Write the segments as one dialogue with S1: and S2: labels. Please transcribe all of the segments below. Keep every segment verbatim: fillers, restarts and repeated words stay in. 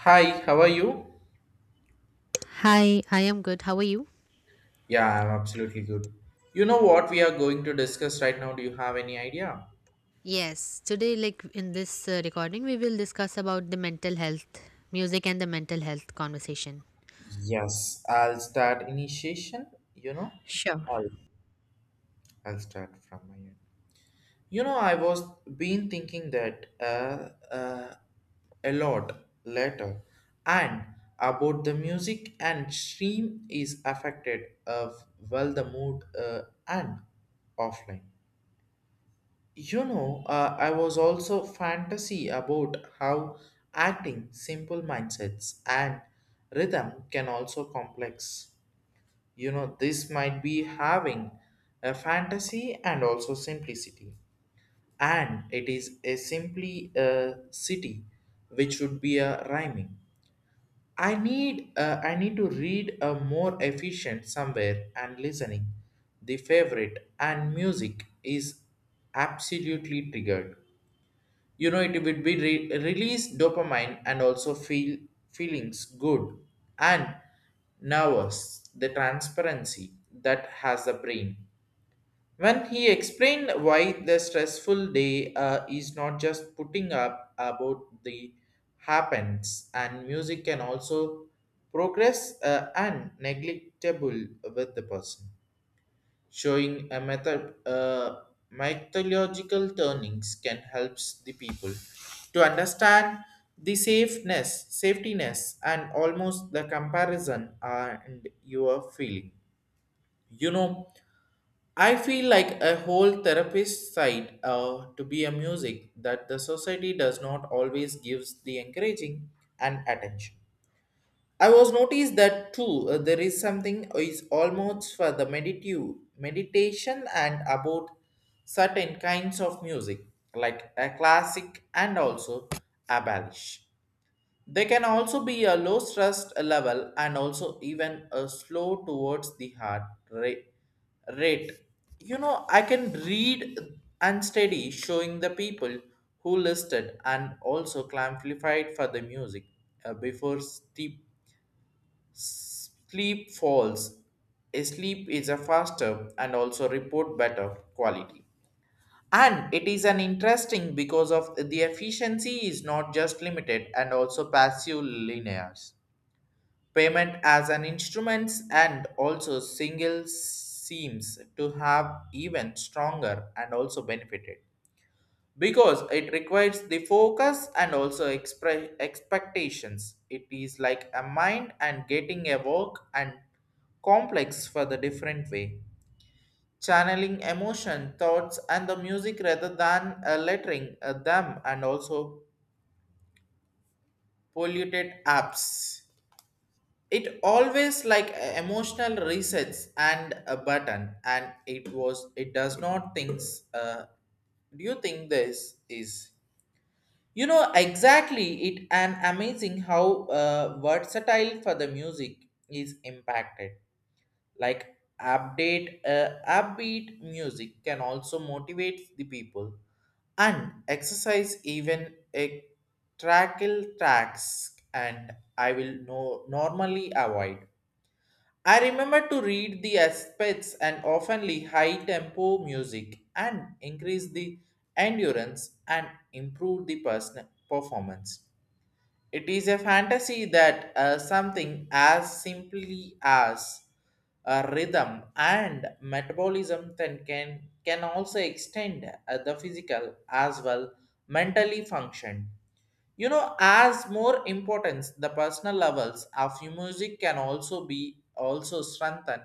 S1: Hi, how are you?
S2: Hi, I am good. How are you?
S1: Yeah, I'm absolutely good. You know what we are going to discuss right now? Do you have any idea?
S2: Yes, today like in this uh, recording we will discuss about the mental health, music and the mental health conversation.
S1: Yes, I'll start initiation, you know?
S2: Sure.
S1: I'll, I'll start from my end. You know, I was been thinking that uh, uh, a lot later and about the music and stream is affected of well the mood uh, and offline. You know, uh, I was also fantasy about how acting, simple mindsets, and rhythm can also complex. You know, this might be having a fantasy and also simplicity, and it is a simply a city, which would be a rhyming. I need uh, I need to read a more efficient somewhere and listening. The favorite and music is absolutely triggered, you know, it would be re- release dopamine and also feel feelings good and nervous the transparency that has the brain when he explained why the stressful day uh, is not just putting up about the happens and music can also progress uh, and neglectable with the person showing a method, uh, mythological turnings can help the people to understand the safeness safetiness and almost the comparison and your feeling, you know. I feel like a whole therapist side uh, to be a music that the society does not always gives the encouraging and attention. I was noticed that too. Uh, there is something is almost for the meditative meditation and about certain kinds of music, like a classic and also a balish. They can also be a low stress level and also even a slow towards the heart rate. rate. You know, I can read and study showing the people who listed and also clarified for the music uh, before steep. Sleep falls. A sleep is a faster and also report better quality. And it is an interesting because of the efficiency is not just limited and also passive linears. Payment as an instruments and also single seems to have even stronger and also benefited because it requires the focus and also expre- expectations. It is like a mind and getting a work and complex for the different way. Channeling emotion, thoughts, and the music rather than uh, lettering uh, them and also polluted apps. It always like a emotional resets and a button, and it was it does not things. Uh, do you think this is? You know exactly it and amazing how uh, versatile for the music is impacted. Like update uh, upbeat music can also motivate the people and exercise even a trackle tracks and I will no normally avoid. I remember to read the aspects and oftenly high tempo music and increase the endurance and improve the personal performance. It is a fantasy that uh, something as simply as a rhythm and metabolism then can can also extend uh, the physical as well mentally function, you know. As more importance, the personal levels of music can also be also strengthened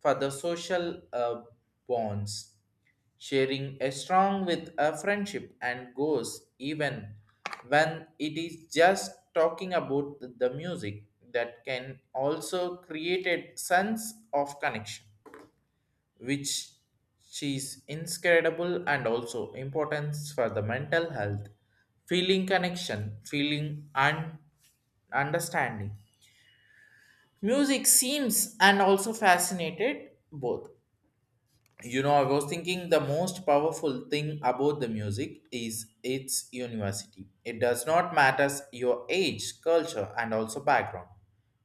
S1: for the social uh, bonds. Sharing a strong with a friendship and goes even when it is just talking about the the music that can also create a sense of connection, which she is inscrutable and also importance for the mental health feeling connection feeling and understanding music seems and also fascinated both, you know. I was thinking the most powerful thing about the music is its university. It does not matter your age, culture, and also background.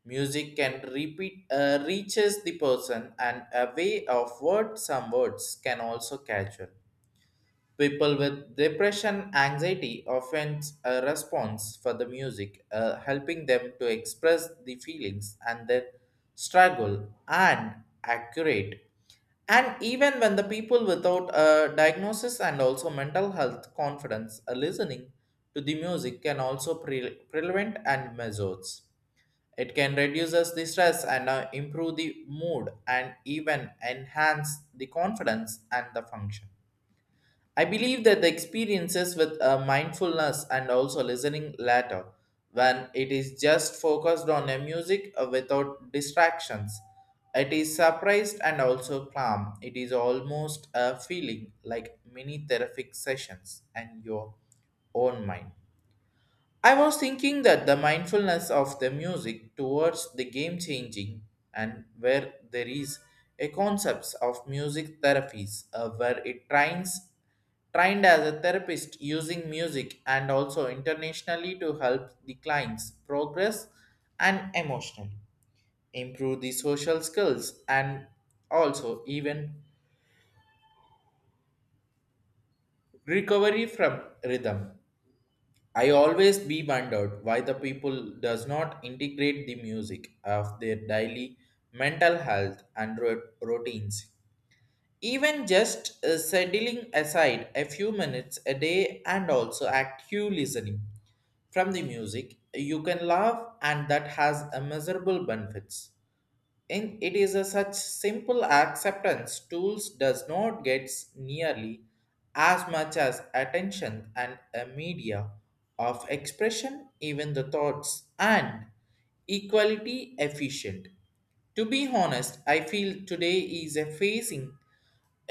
S1: Music can repeat uh, reaches the person and a way of words, some words can also catch. People with depression, anxiety often a response for the music, uh, helping them to express the feelings and their struggle and accurate. And even when the people without a diagnosis and also mental health confidence are listening to the music can also pre- prevent and measures. It can reduce us the stress and uh, improve the mood and even enhance the confidence and the function. I believe that the experiences with uh, mindfulness and also listening later, when it is just focused on a music uh, without distractions, it is surprised and also calm. It is almost a feeling like mini therapeutic sessions and your own mind. I was thinking that the mindfulness of the music towards the game changing, and where there is a concepts of music therapies uh, where it trains trained as a therapist using music and also internationally to help the clients progress and emotionally improve the social skills and also even recovery from rhythm. I always be wondered why the people does not integrate the music of their daily mental health and rut- routines, even just uh, settling aside a few minutes a day and also active listening from the music you can laugh and that has immeasurable benefits in it is a such simple acceptance tools does not gets nearly as much as attention and a media of expression even the thoughts and equality efficient. To be honest, I feel today is a facing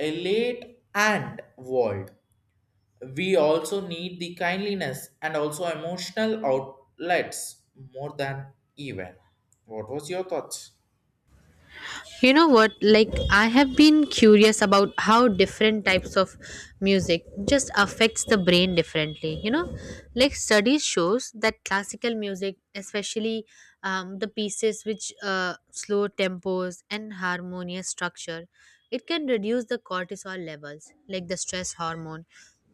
S1: a late and world. We also need the kindliness and also emotional outlets more than even. What was your thoughts?
S2: You know what, like I have been curious about how different types of music just affects the brain differently, you know, like studies shows that classical music, especially um, the pieces which uh, slow tempos and harmonious structure, it can reduce the cortisol levels like the stress hormone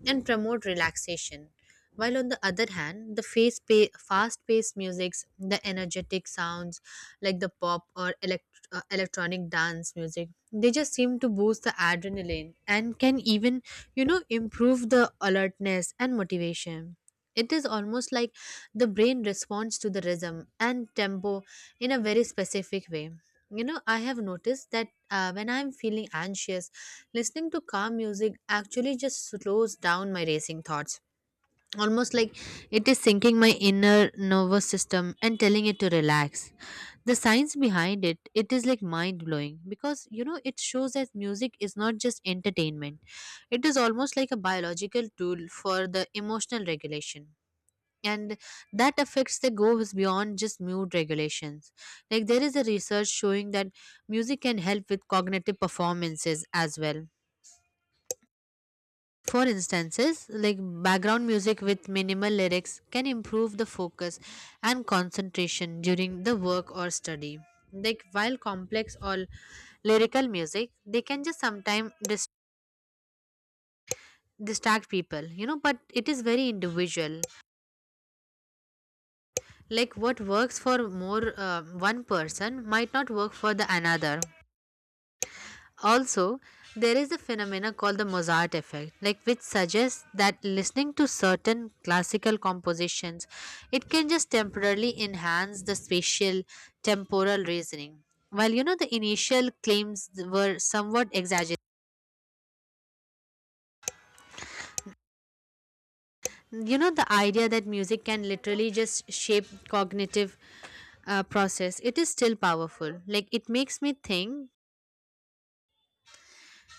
S2: and promote relaxation, while on the other hand, the face pa- fast-paced musics, the energetic sounds like the pop or elect- uh, electronic dance music, they just seem to boost the adrenaline and can even, you know, improve the alertness and motivation. It is almost like the brain responds to the rhythm and tempo in a very specific way. You know, I have noticed that uh, when I'm feeling anxious, listening to calm music actually just slows down my racing thoughts, almost like it is sinking my inner nervous system and telling it to relax. The science behind it, it is like mind blowing, because you know it shows that music is not just entertainment, it is almost like a biological tool for the emotional regulation. And that affects that goes beyond just mood regulations. Like there is a research showing that music can help with cognitive performances as well. For instances, like background music with minimal lyrics can improve the focus and concentration during the work or study. Like while complex or lyrical music, they can just sometimes dis- distract people, you know, but it is very individual. Like what works for more uh, one person might not work for the another. Also, there is a phenomena called the Mozart effect, like which suggests that listening to certain classical compositions, it can just temporarily enhance the spatial temporal reasoning. While you know the initial claims were somewhat exaggerated, you know the idea that music can literally just shape cognitive uh, process, it is still powerful. Like it makes me think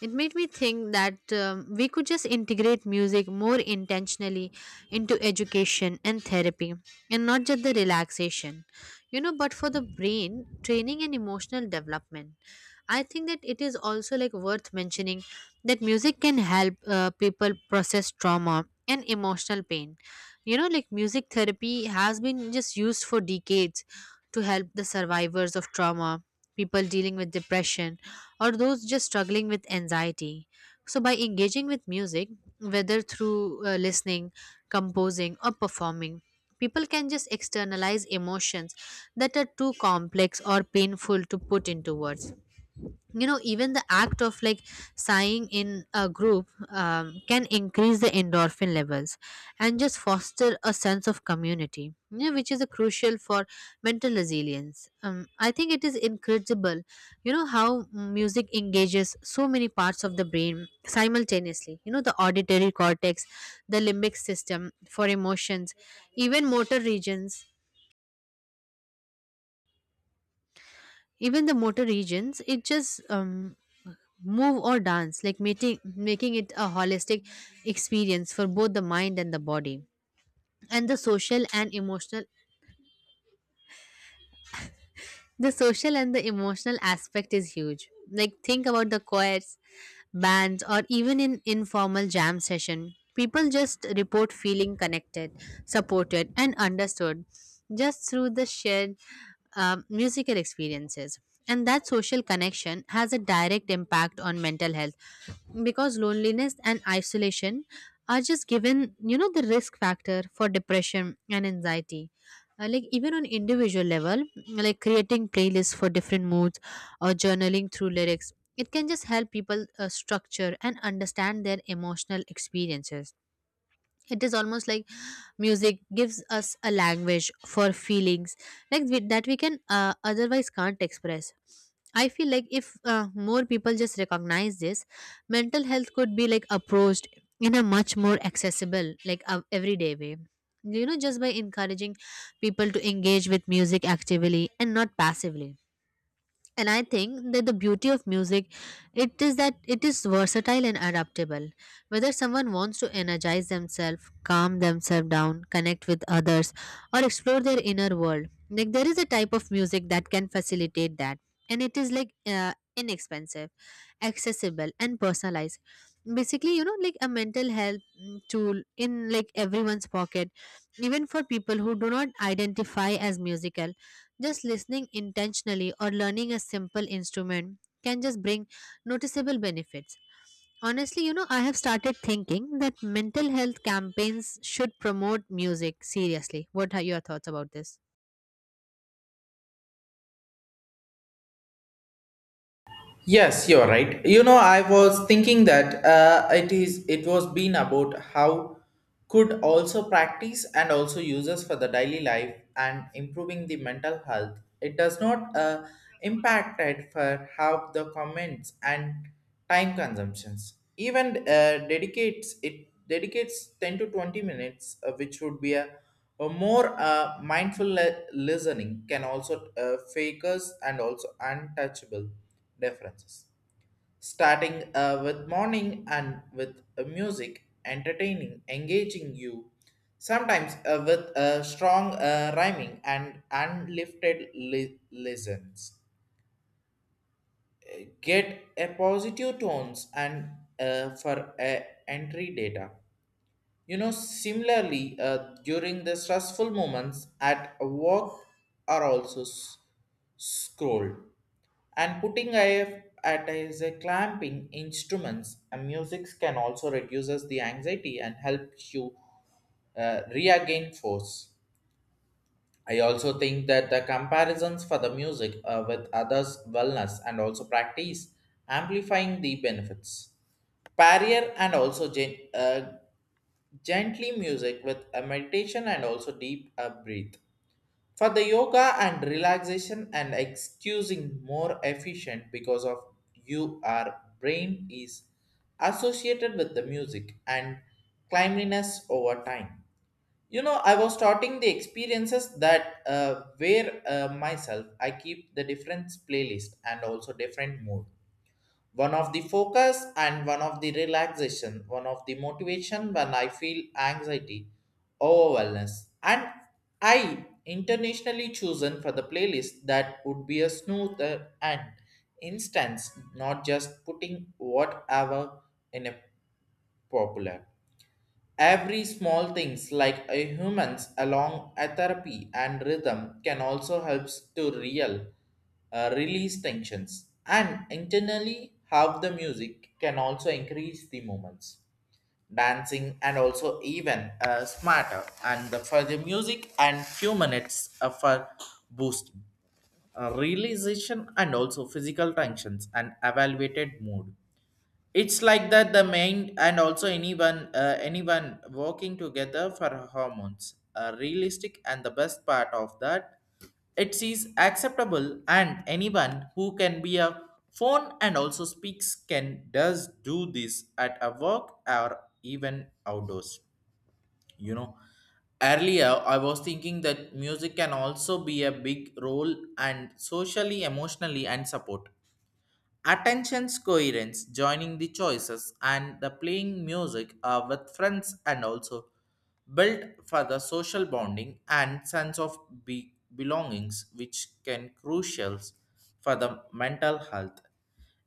S2: It made me think that um, we could just integrate music more intentionally into education and therapy, and not just the relaxation, you know, but for the brain, training, and emotional development. I think that it is also like worth mentioning that music can help uh, people process trauma and emotional pain. You know, like music therapy has been just used for decades to help the survivors of trauma, people dealing with depression or those just struggling with anxiety. So, by engaging with music, whether through uh, listening, composing, or performing, people can just externalize emotions that are too complex or painful to put into words. You know, even the act of like sighing in a group um, can increase the endorphin levels and just foster a sense of community, you know, which is a crucial for mental resilience. um, I think it is incredible, you know, how music engages so many parts of the brain simultaneously. You know, the auditory cortex, the limbic system for emotions, even motor regions even the motor regions, it just um, move or dance, like making making it a holistic experience for both the mind and the body. And the social and emotional The social and the emotional aspect is huge. Like think about the choirs, bands, or even in informal jam session. People just report feeling connected, supported, and understood just through the shared um, musical experiences. And that social connection has a direct impact on mental health because loneliness and isolation are just given, you know, the risk factor for depression and anxiety. Uh, like even on individual level, like creating playlists for different moods or journaling through lyrics, it can just help people uh, structure and understand their emotional experiences. It is almost like music gives us a language for feelings, like we, that we can uh, otherwise can't express. I feel like if uh, more people just recognize this, mental health could be like approached in a much more accessible, like uh, everyday way, you know, just by encouraging people to engage with music actively and not passively. And I think that the beauty of music, it is that it is versatile and adaptable. Whether someone wants to energize themselves, calm themselves down, connect with others, or explore their inner world, like there is a type of music that can facilitate that, and it is like uh, inexpensive, accessible and personalized. Basically, you know, like a mental health mm, tool in like everyone's pocket. Even for people who do not identify as musical, just listening intentionally or learning a simple instrument can just bring noticeable benefits. Honestly, you know, I have started thinking that mental health campaigns should promote music seriously. What are your thoughts about this?
S1: Yes, you're right. You know, I was thinking that uh, it is it was been about how could also practice and also uses for the daily life and improving the mental health. It does not uh, impact it for how the comments and time consumptions. Even uh, dedicates it dedicates ten to twenty minutes, uh, which would be a, a more uh, mindful le- listening can also uh, fakers and also untouchable differences. Starting uh, with morning and with uh, music, entertaining, engaging you, sometimes uh, with uh, strong uh, rhyming and unlifted li- lessons. Get a positive tones and uh, for uh, entry data. You know, similarly, uh, during the stressful moments at work are also s- scrolled and putting I F at as a clamping instruments and music can also reduces the anxiety and helps you uh, regain force. I also think that the comparisons for the music uh, with others' wellness and also practice amplifying the benefits. Barrier and also gen- uh, gently music with a meditation and also deep uh, breathe. For the yoga and relaxation and excusing more efficient because of you our brain is associated with the music and cleanliness over time. You know, I was starting the experiences that uh, where uh, myself I keep the different playlist and also different mood, one of the focus and one of the relaxation, one of the motivation when I feel anxiety or wellness. And I intentionally chosen for the playlist that would be a smoother and instance, not just putting whatever in a popular. Every small things like a humans along a therapy and rhythm can also helps to real uh, release tensions and internally how the music can also increase the moments dancing and also even uh, smarter and the, for the music and few minutes uh, for boosting uh, realization and also physical tensions and evaluated mood. It's like that the main and also anyone uh, anyone working together for hormones are realistic, and the best part of that, it is acceptable and anyone who can be a phone and also speaks can does do this at a work or even outdoors, you know. Earlier I was thinking that music can also be a big role and socially emotionally and support. Attention's coherence, joining the choices and the playing music uh, with friends and also built for the social bonding and sense of be- belongings which can crucial for the mental health.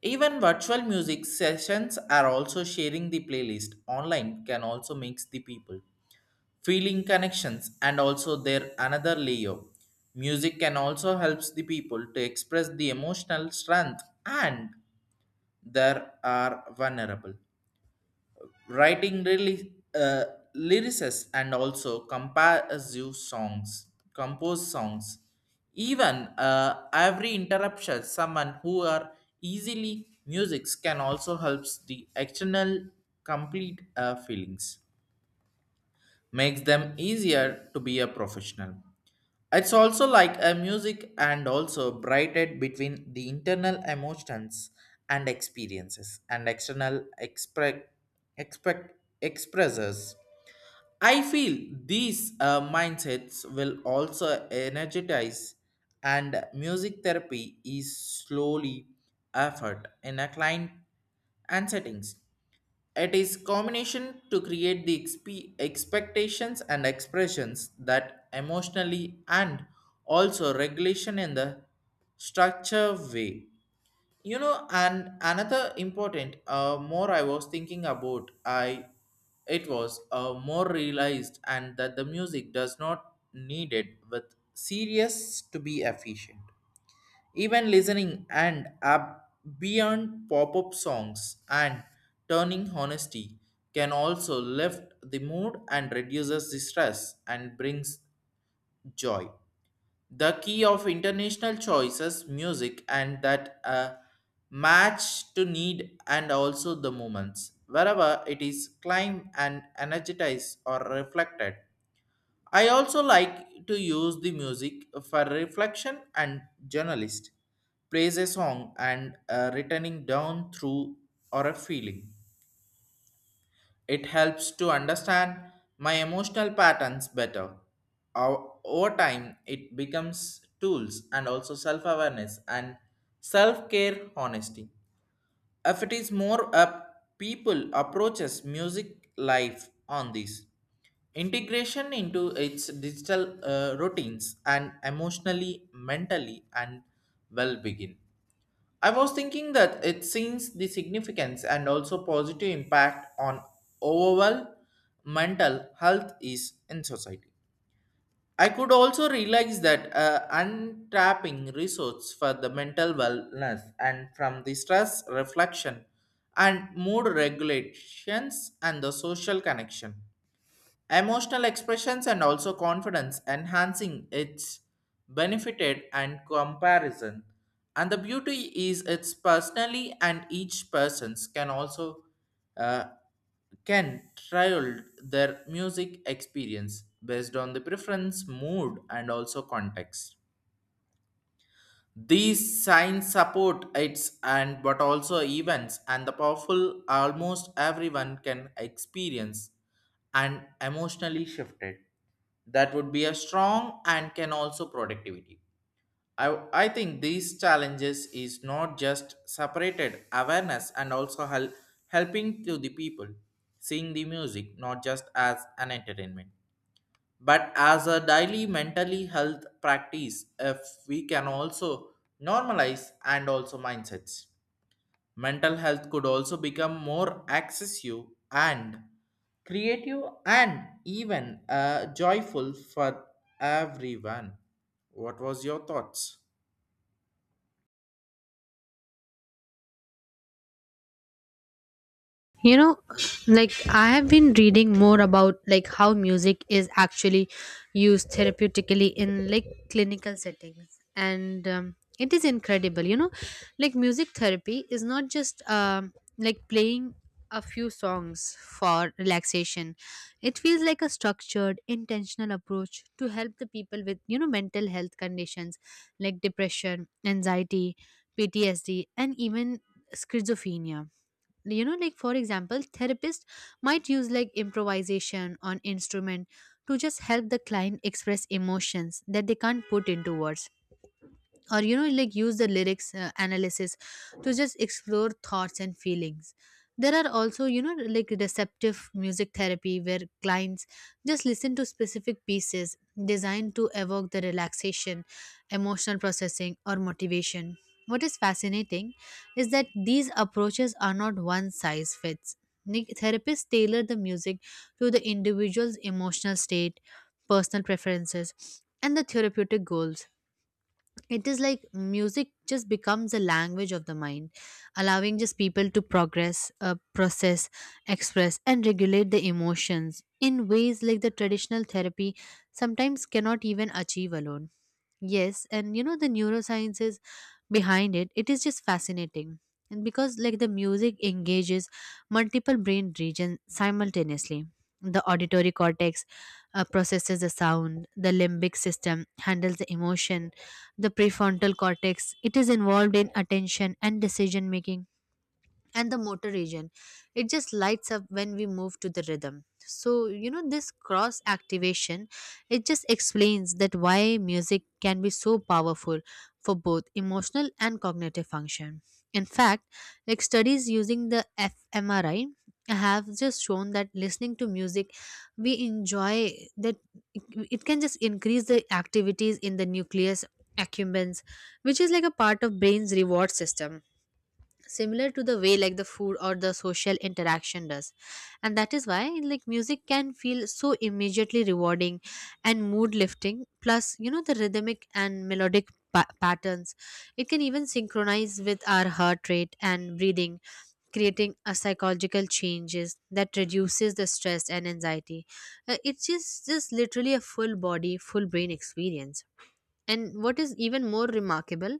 S1: Even virtual music sessions are also sharing the playlist online can also mix the people feeling connections and also their another layer. Music can also helps the people to express the emotional strength and there are vulnerable. Writing really uh, lyricists and also comparative songs, compose songs. Even uh, every interruption, someone who are easily musics can also helps the external complete uh, feelings makes them easier to be a professional. It's also like a music and also brighted between the internal emotions and experiences and external expre- expect expressors. I feel these uh, mindsets will also energize and music therapy is slowly effort in a client and settings. It is combination to create the exp- expectations and expressions that emotionally and also regulation in the structure way. You know, and another important uh, more I was thinking about I it was uh, more realized and that the music does not needed with serious to be efficient, even listening and up beyond pop-up songs and turning honesty can also lift the mood and reduces the stress and brings joy. The key of international choices, music, and that uh, match to need and also the moments. Wherever it is climb and energized or reflected, I also like to use the music for reflection and journalist. Praise a song and uh, returning down through or a feeling. It helps to understand my emotional patterns better. O- Over time, it becomes tools and also self-awareness and self-care honesty if it is more up people approaches music life on this integration into its digital uh, routines and emotionally mentally and well begin. I was thinking that it seems the significance and also positive impact on overall mental health is in society. I could also realize that uh, untapping resource for the mental wellness and from the stress reflection and mood regulations and the social connection. Emotional expressions and also confidence enhancing its benefited and comparison. And the beauty is it's personally and each person's can also uh, can trial their music experience based on the preference, mood, and also context. These signs support its and but also events and the powerful almost everyone can experience and emotionally shifted. That would be a strong and can also productivity. I, I think these challenges is not just separated awareness and also hel- helping to the people seeing the music not just as an entertainment but as a daily mentally health practice. If we can also normalize and also mindsets, mental health could also become more accessible and creative and even uh, joyful for everyone. What was your thoughts?
S2: You know, like I have been reading more about like how music is actually used therapeutically in like clinical settings, and um, it is incredible. You know, like music therapy is not just um, like playing a few songs for relaxation. It feels like a structured intentional approach to help the people with, you know, mental health conditions like depression, anxiety, P T S D, and even schizophrenia. You know, like for example, therapists might use like improvisation on instrument to just help the client express emotions that they can't put into words, or you know, like use the lyrics uh, analysis to just explore thoughts and feelings. There are also, you know, like receptive music therapy where clients just listen to specific pieces designed to evoke the relaxation, emotional processing or motivation. What is fascinating is that these approaches are not one size fits. Like, therapists tailor the music to the individual's emotional state, personal preferences and the therapeutic goals. It is like music just becomes a language of the mind, allowing just people to progress uh, process, express and regulate the emotions in ways like the traditional therapy sometimes cannot even achieve alone. Yes, and you know the neuroscience is behind it. It is just fascinating. And because like the music engages multiple brain regions simultaneously. The auditory cortex uh, processes the sound, the limbic system handles the emotion, the prefrontal cortex, it is involved in attention and decision making, and the motor region, it just lights up when we move to the rhythm. So you know this cross activation, it just explains that why music can be so powerful for both emotional and cognitive function. In fact, like studies using the f M R I have just shown that listening to music we enjoy, that it it can just increase the activities in the nucleus accumbens, which is like a part of brain's reward system, similar to the way like the food or the social interaction does. And that is why like music can feel so immediately rewarding and mood lifting. Plus, you know, the rhythmic and melodic pa- patterns, it can even synchronize with our heart rate and breathing, creating a psychological changes that reduces the stress and anxiety. Uh, it's just just literally a full body, full brain experience. And what is even more remarkable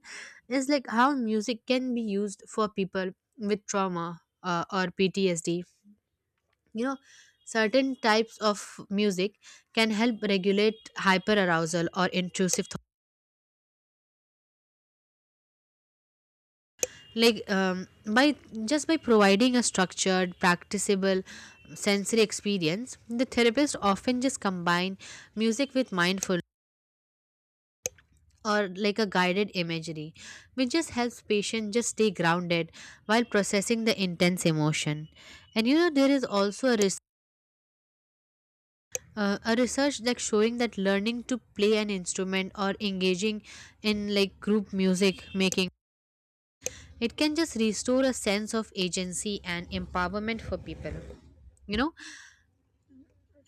S2: is like how music can be used for people with trauma uh, or P T S D. You know, certain types of music can help regulate hyperarousal or intrusive thought. Like um, by just by providing a structured, practicable sensory experience, the therapist often just combine music with mindfulness or like a guided imagery, which just helps patients just stay grounded while processing the intense emotion. And you know, there is also a, res- uh, a research like showing that learning to play an instrument or engaging in like group music making, it can just restore a sense of agency and empowerment for people, you know,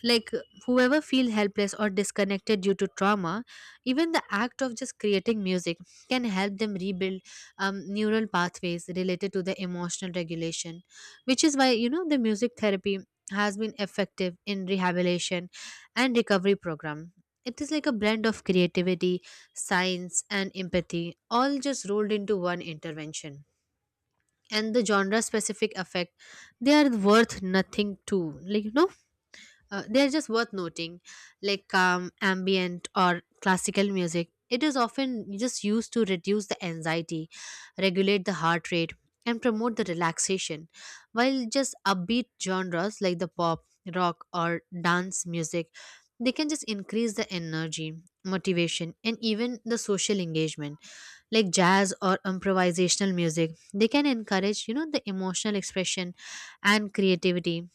S2: like whoever feel helpless or disconnected due to trauma. Even the act of just creating music can help them rebuild um, neural pathways related to the emotional regulation, which is why, you know, the music therapy has been effective in rehabilitation and recovery program. It is like a blend of creativity, science and empathy, all just rolled into one intervention. And the genre specific effect, they are worth nothing too like you know uh, they're just worth noting, like calm, ambient, or classical music. It is often just used to reduce the anxiety, regulate the heart rate, and promote the relaxation, while just upbeat genres like the pop, rock, or dance music, they can just increase the energy, motivation, and even the social engagement. Like jazz or improvisational music, they can encourage, you know, the emotional expression and creativity,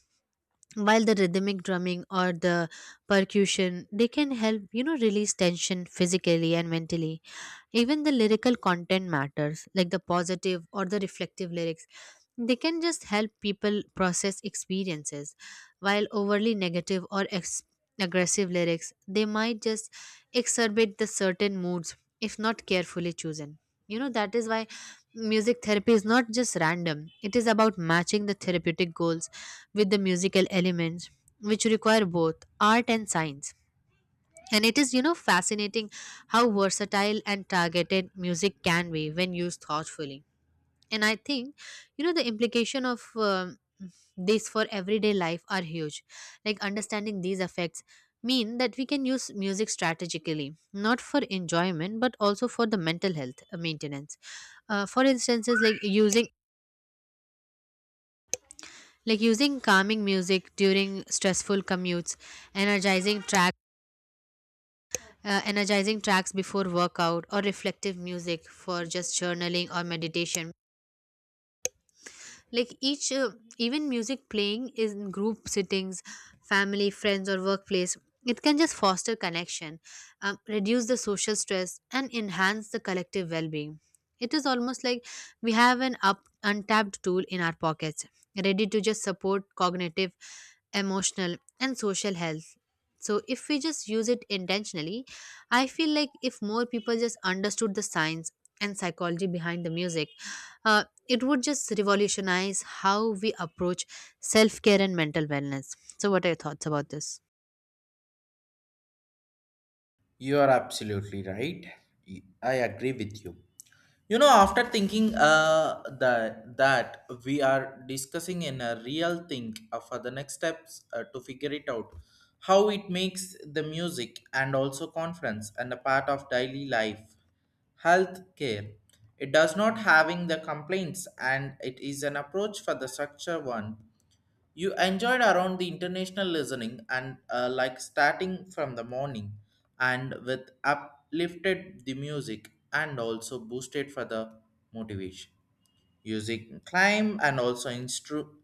S2: while the rhythmic drumming or the percussion, they can help, you know, release tension physically and mentally. Even the lyrical content matters. Like the positive or the reflective lyrics, they can just help people process experiences, while overly negative or ex- aggressive lyrics, they might just exacerbate the certain moods if not carefully chosen. You know, that is why music therapy is not just random, it is about matching the therapeutic goals with the musical elements, which require both art and science. And it is, you know, fascinating how versatile and targeted music can be when used thoughtfully. And I think, you know, the implication of um, this for everyday life are huge. Like understanding these effects mean that we can use music strategically, not for enjoyment but also for the mental health uh, maintenance. Uh, for instances like using Like using calming music during stressful commutes, energizing track uh, energizing tracks before workout, or reflective music for just journaling or meditation. Like each uh, even music playing is in group sittings, family, friends or workplace, it can just foster connection, um, reduce the social stress and enhance the collective well-being. It is almost like we have an up untapped tool in our pockets, ready to just support cognitive, emotional and social health. So if we just use it intentionally, I feel like if more people just understood the science and psychology behind the music, uh, it would just revolutionize how we approach self care and mental wellness. So, what are your thoughts about this?
S1: You are absolutely right. Y- I agree with you. You know, after thinking uh, that that we are discussing in a real thing uh, for the next steps uh, to figure it out, how it makes the music and also conference and a part of daily life, health care. It does not having the complaints and it is an approach for the structure one you enjoyed around the international listening and uh, like starting from the morning and with uplifted the music and also boosted for the motivation, using climb and also instru-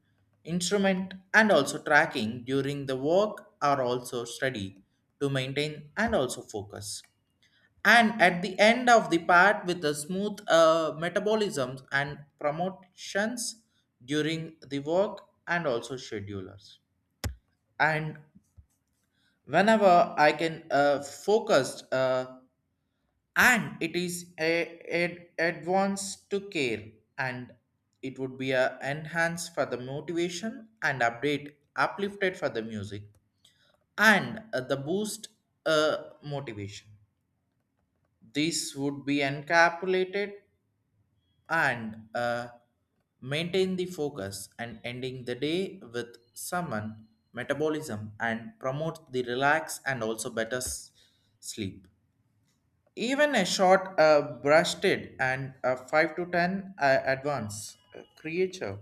S1: instrument and also tracking during the work or also study to maintain and also focus, and at the end of the part with the smooth uh, metabolisms and promotions during the work and also schedulers. And whenever I can uh, focus uh, and it is a, a advance to care, and it would be a enhanced for the motivation and update uplifted for the music and uh, the boost uh, motivation. This would be encapsulated and uh, maintain the focus and ending the day with someone metabolism and promote the relax and also better s- sleep. Even a short uh, brushed it and a five to ten uh, advance uh, creature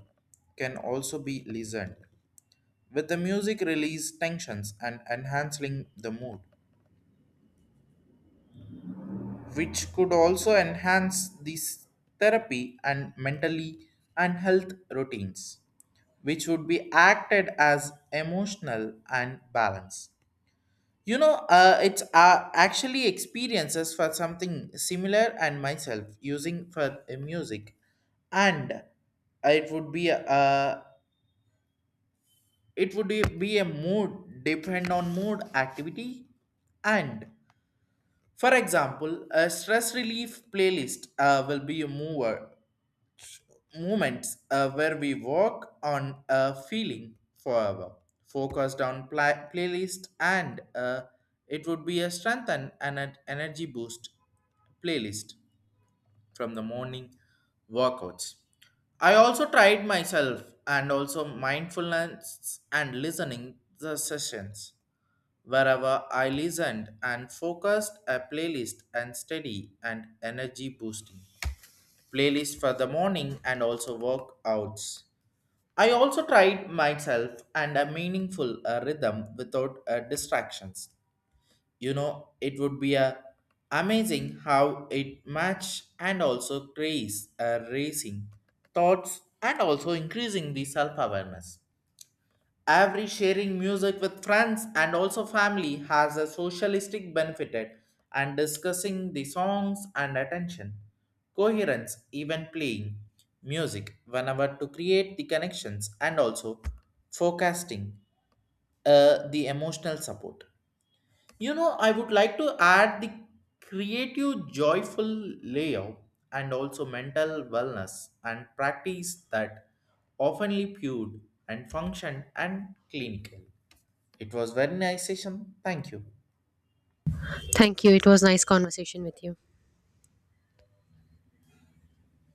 S1: can also be listened with the music release tensions and enhancing the mood, which could also enhance this therapy and mentally and health routines, which would be acted as emotional and balance. You know uh, it's uh, actually experiences for something similar and myself using for uh, music, and it would be a uh, it would be a mood depend on mood activity. And for example, a stress relief playlist uh, will be a mover moments uh, where we work on a feeling forever, focused on pla- playlist, and uh, it would be a strengthen and an energy boost playlist from the morning workouts. I also tried myself and also mindfulness and listening the sessions. Wherever I listened and focused a playlist and steady and energy boosting. Playlist for the morning and also workouts. I also tried myself and a meaningful uh, rhythm without uh, distractions. You know, it would be a amazing how it match and also trace uh, racing thoughts and also increasing the self-awareness. Every sharing music with friends and also family has a socialistic benefit and discussing the songs and attention coherence, even playing music whenever to create the connections and also forecasting uh, the emotional support. You know, I would like to add the creative, joyful layout and also mental wellness and practice that oftenly viewed and function and clinical. It was very nice session. Thank you.
S2: Thank you. It was nice conversation with you.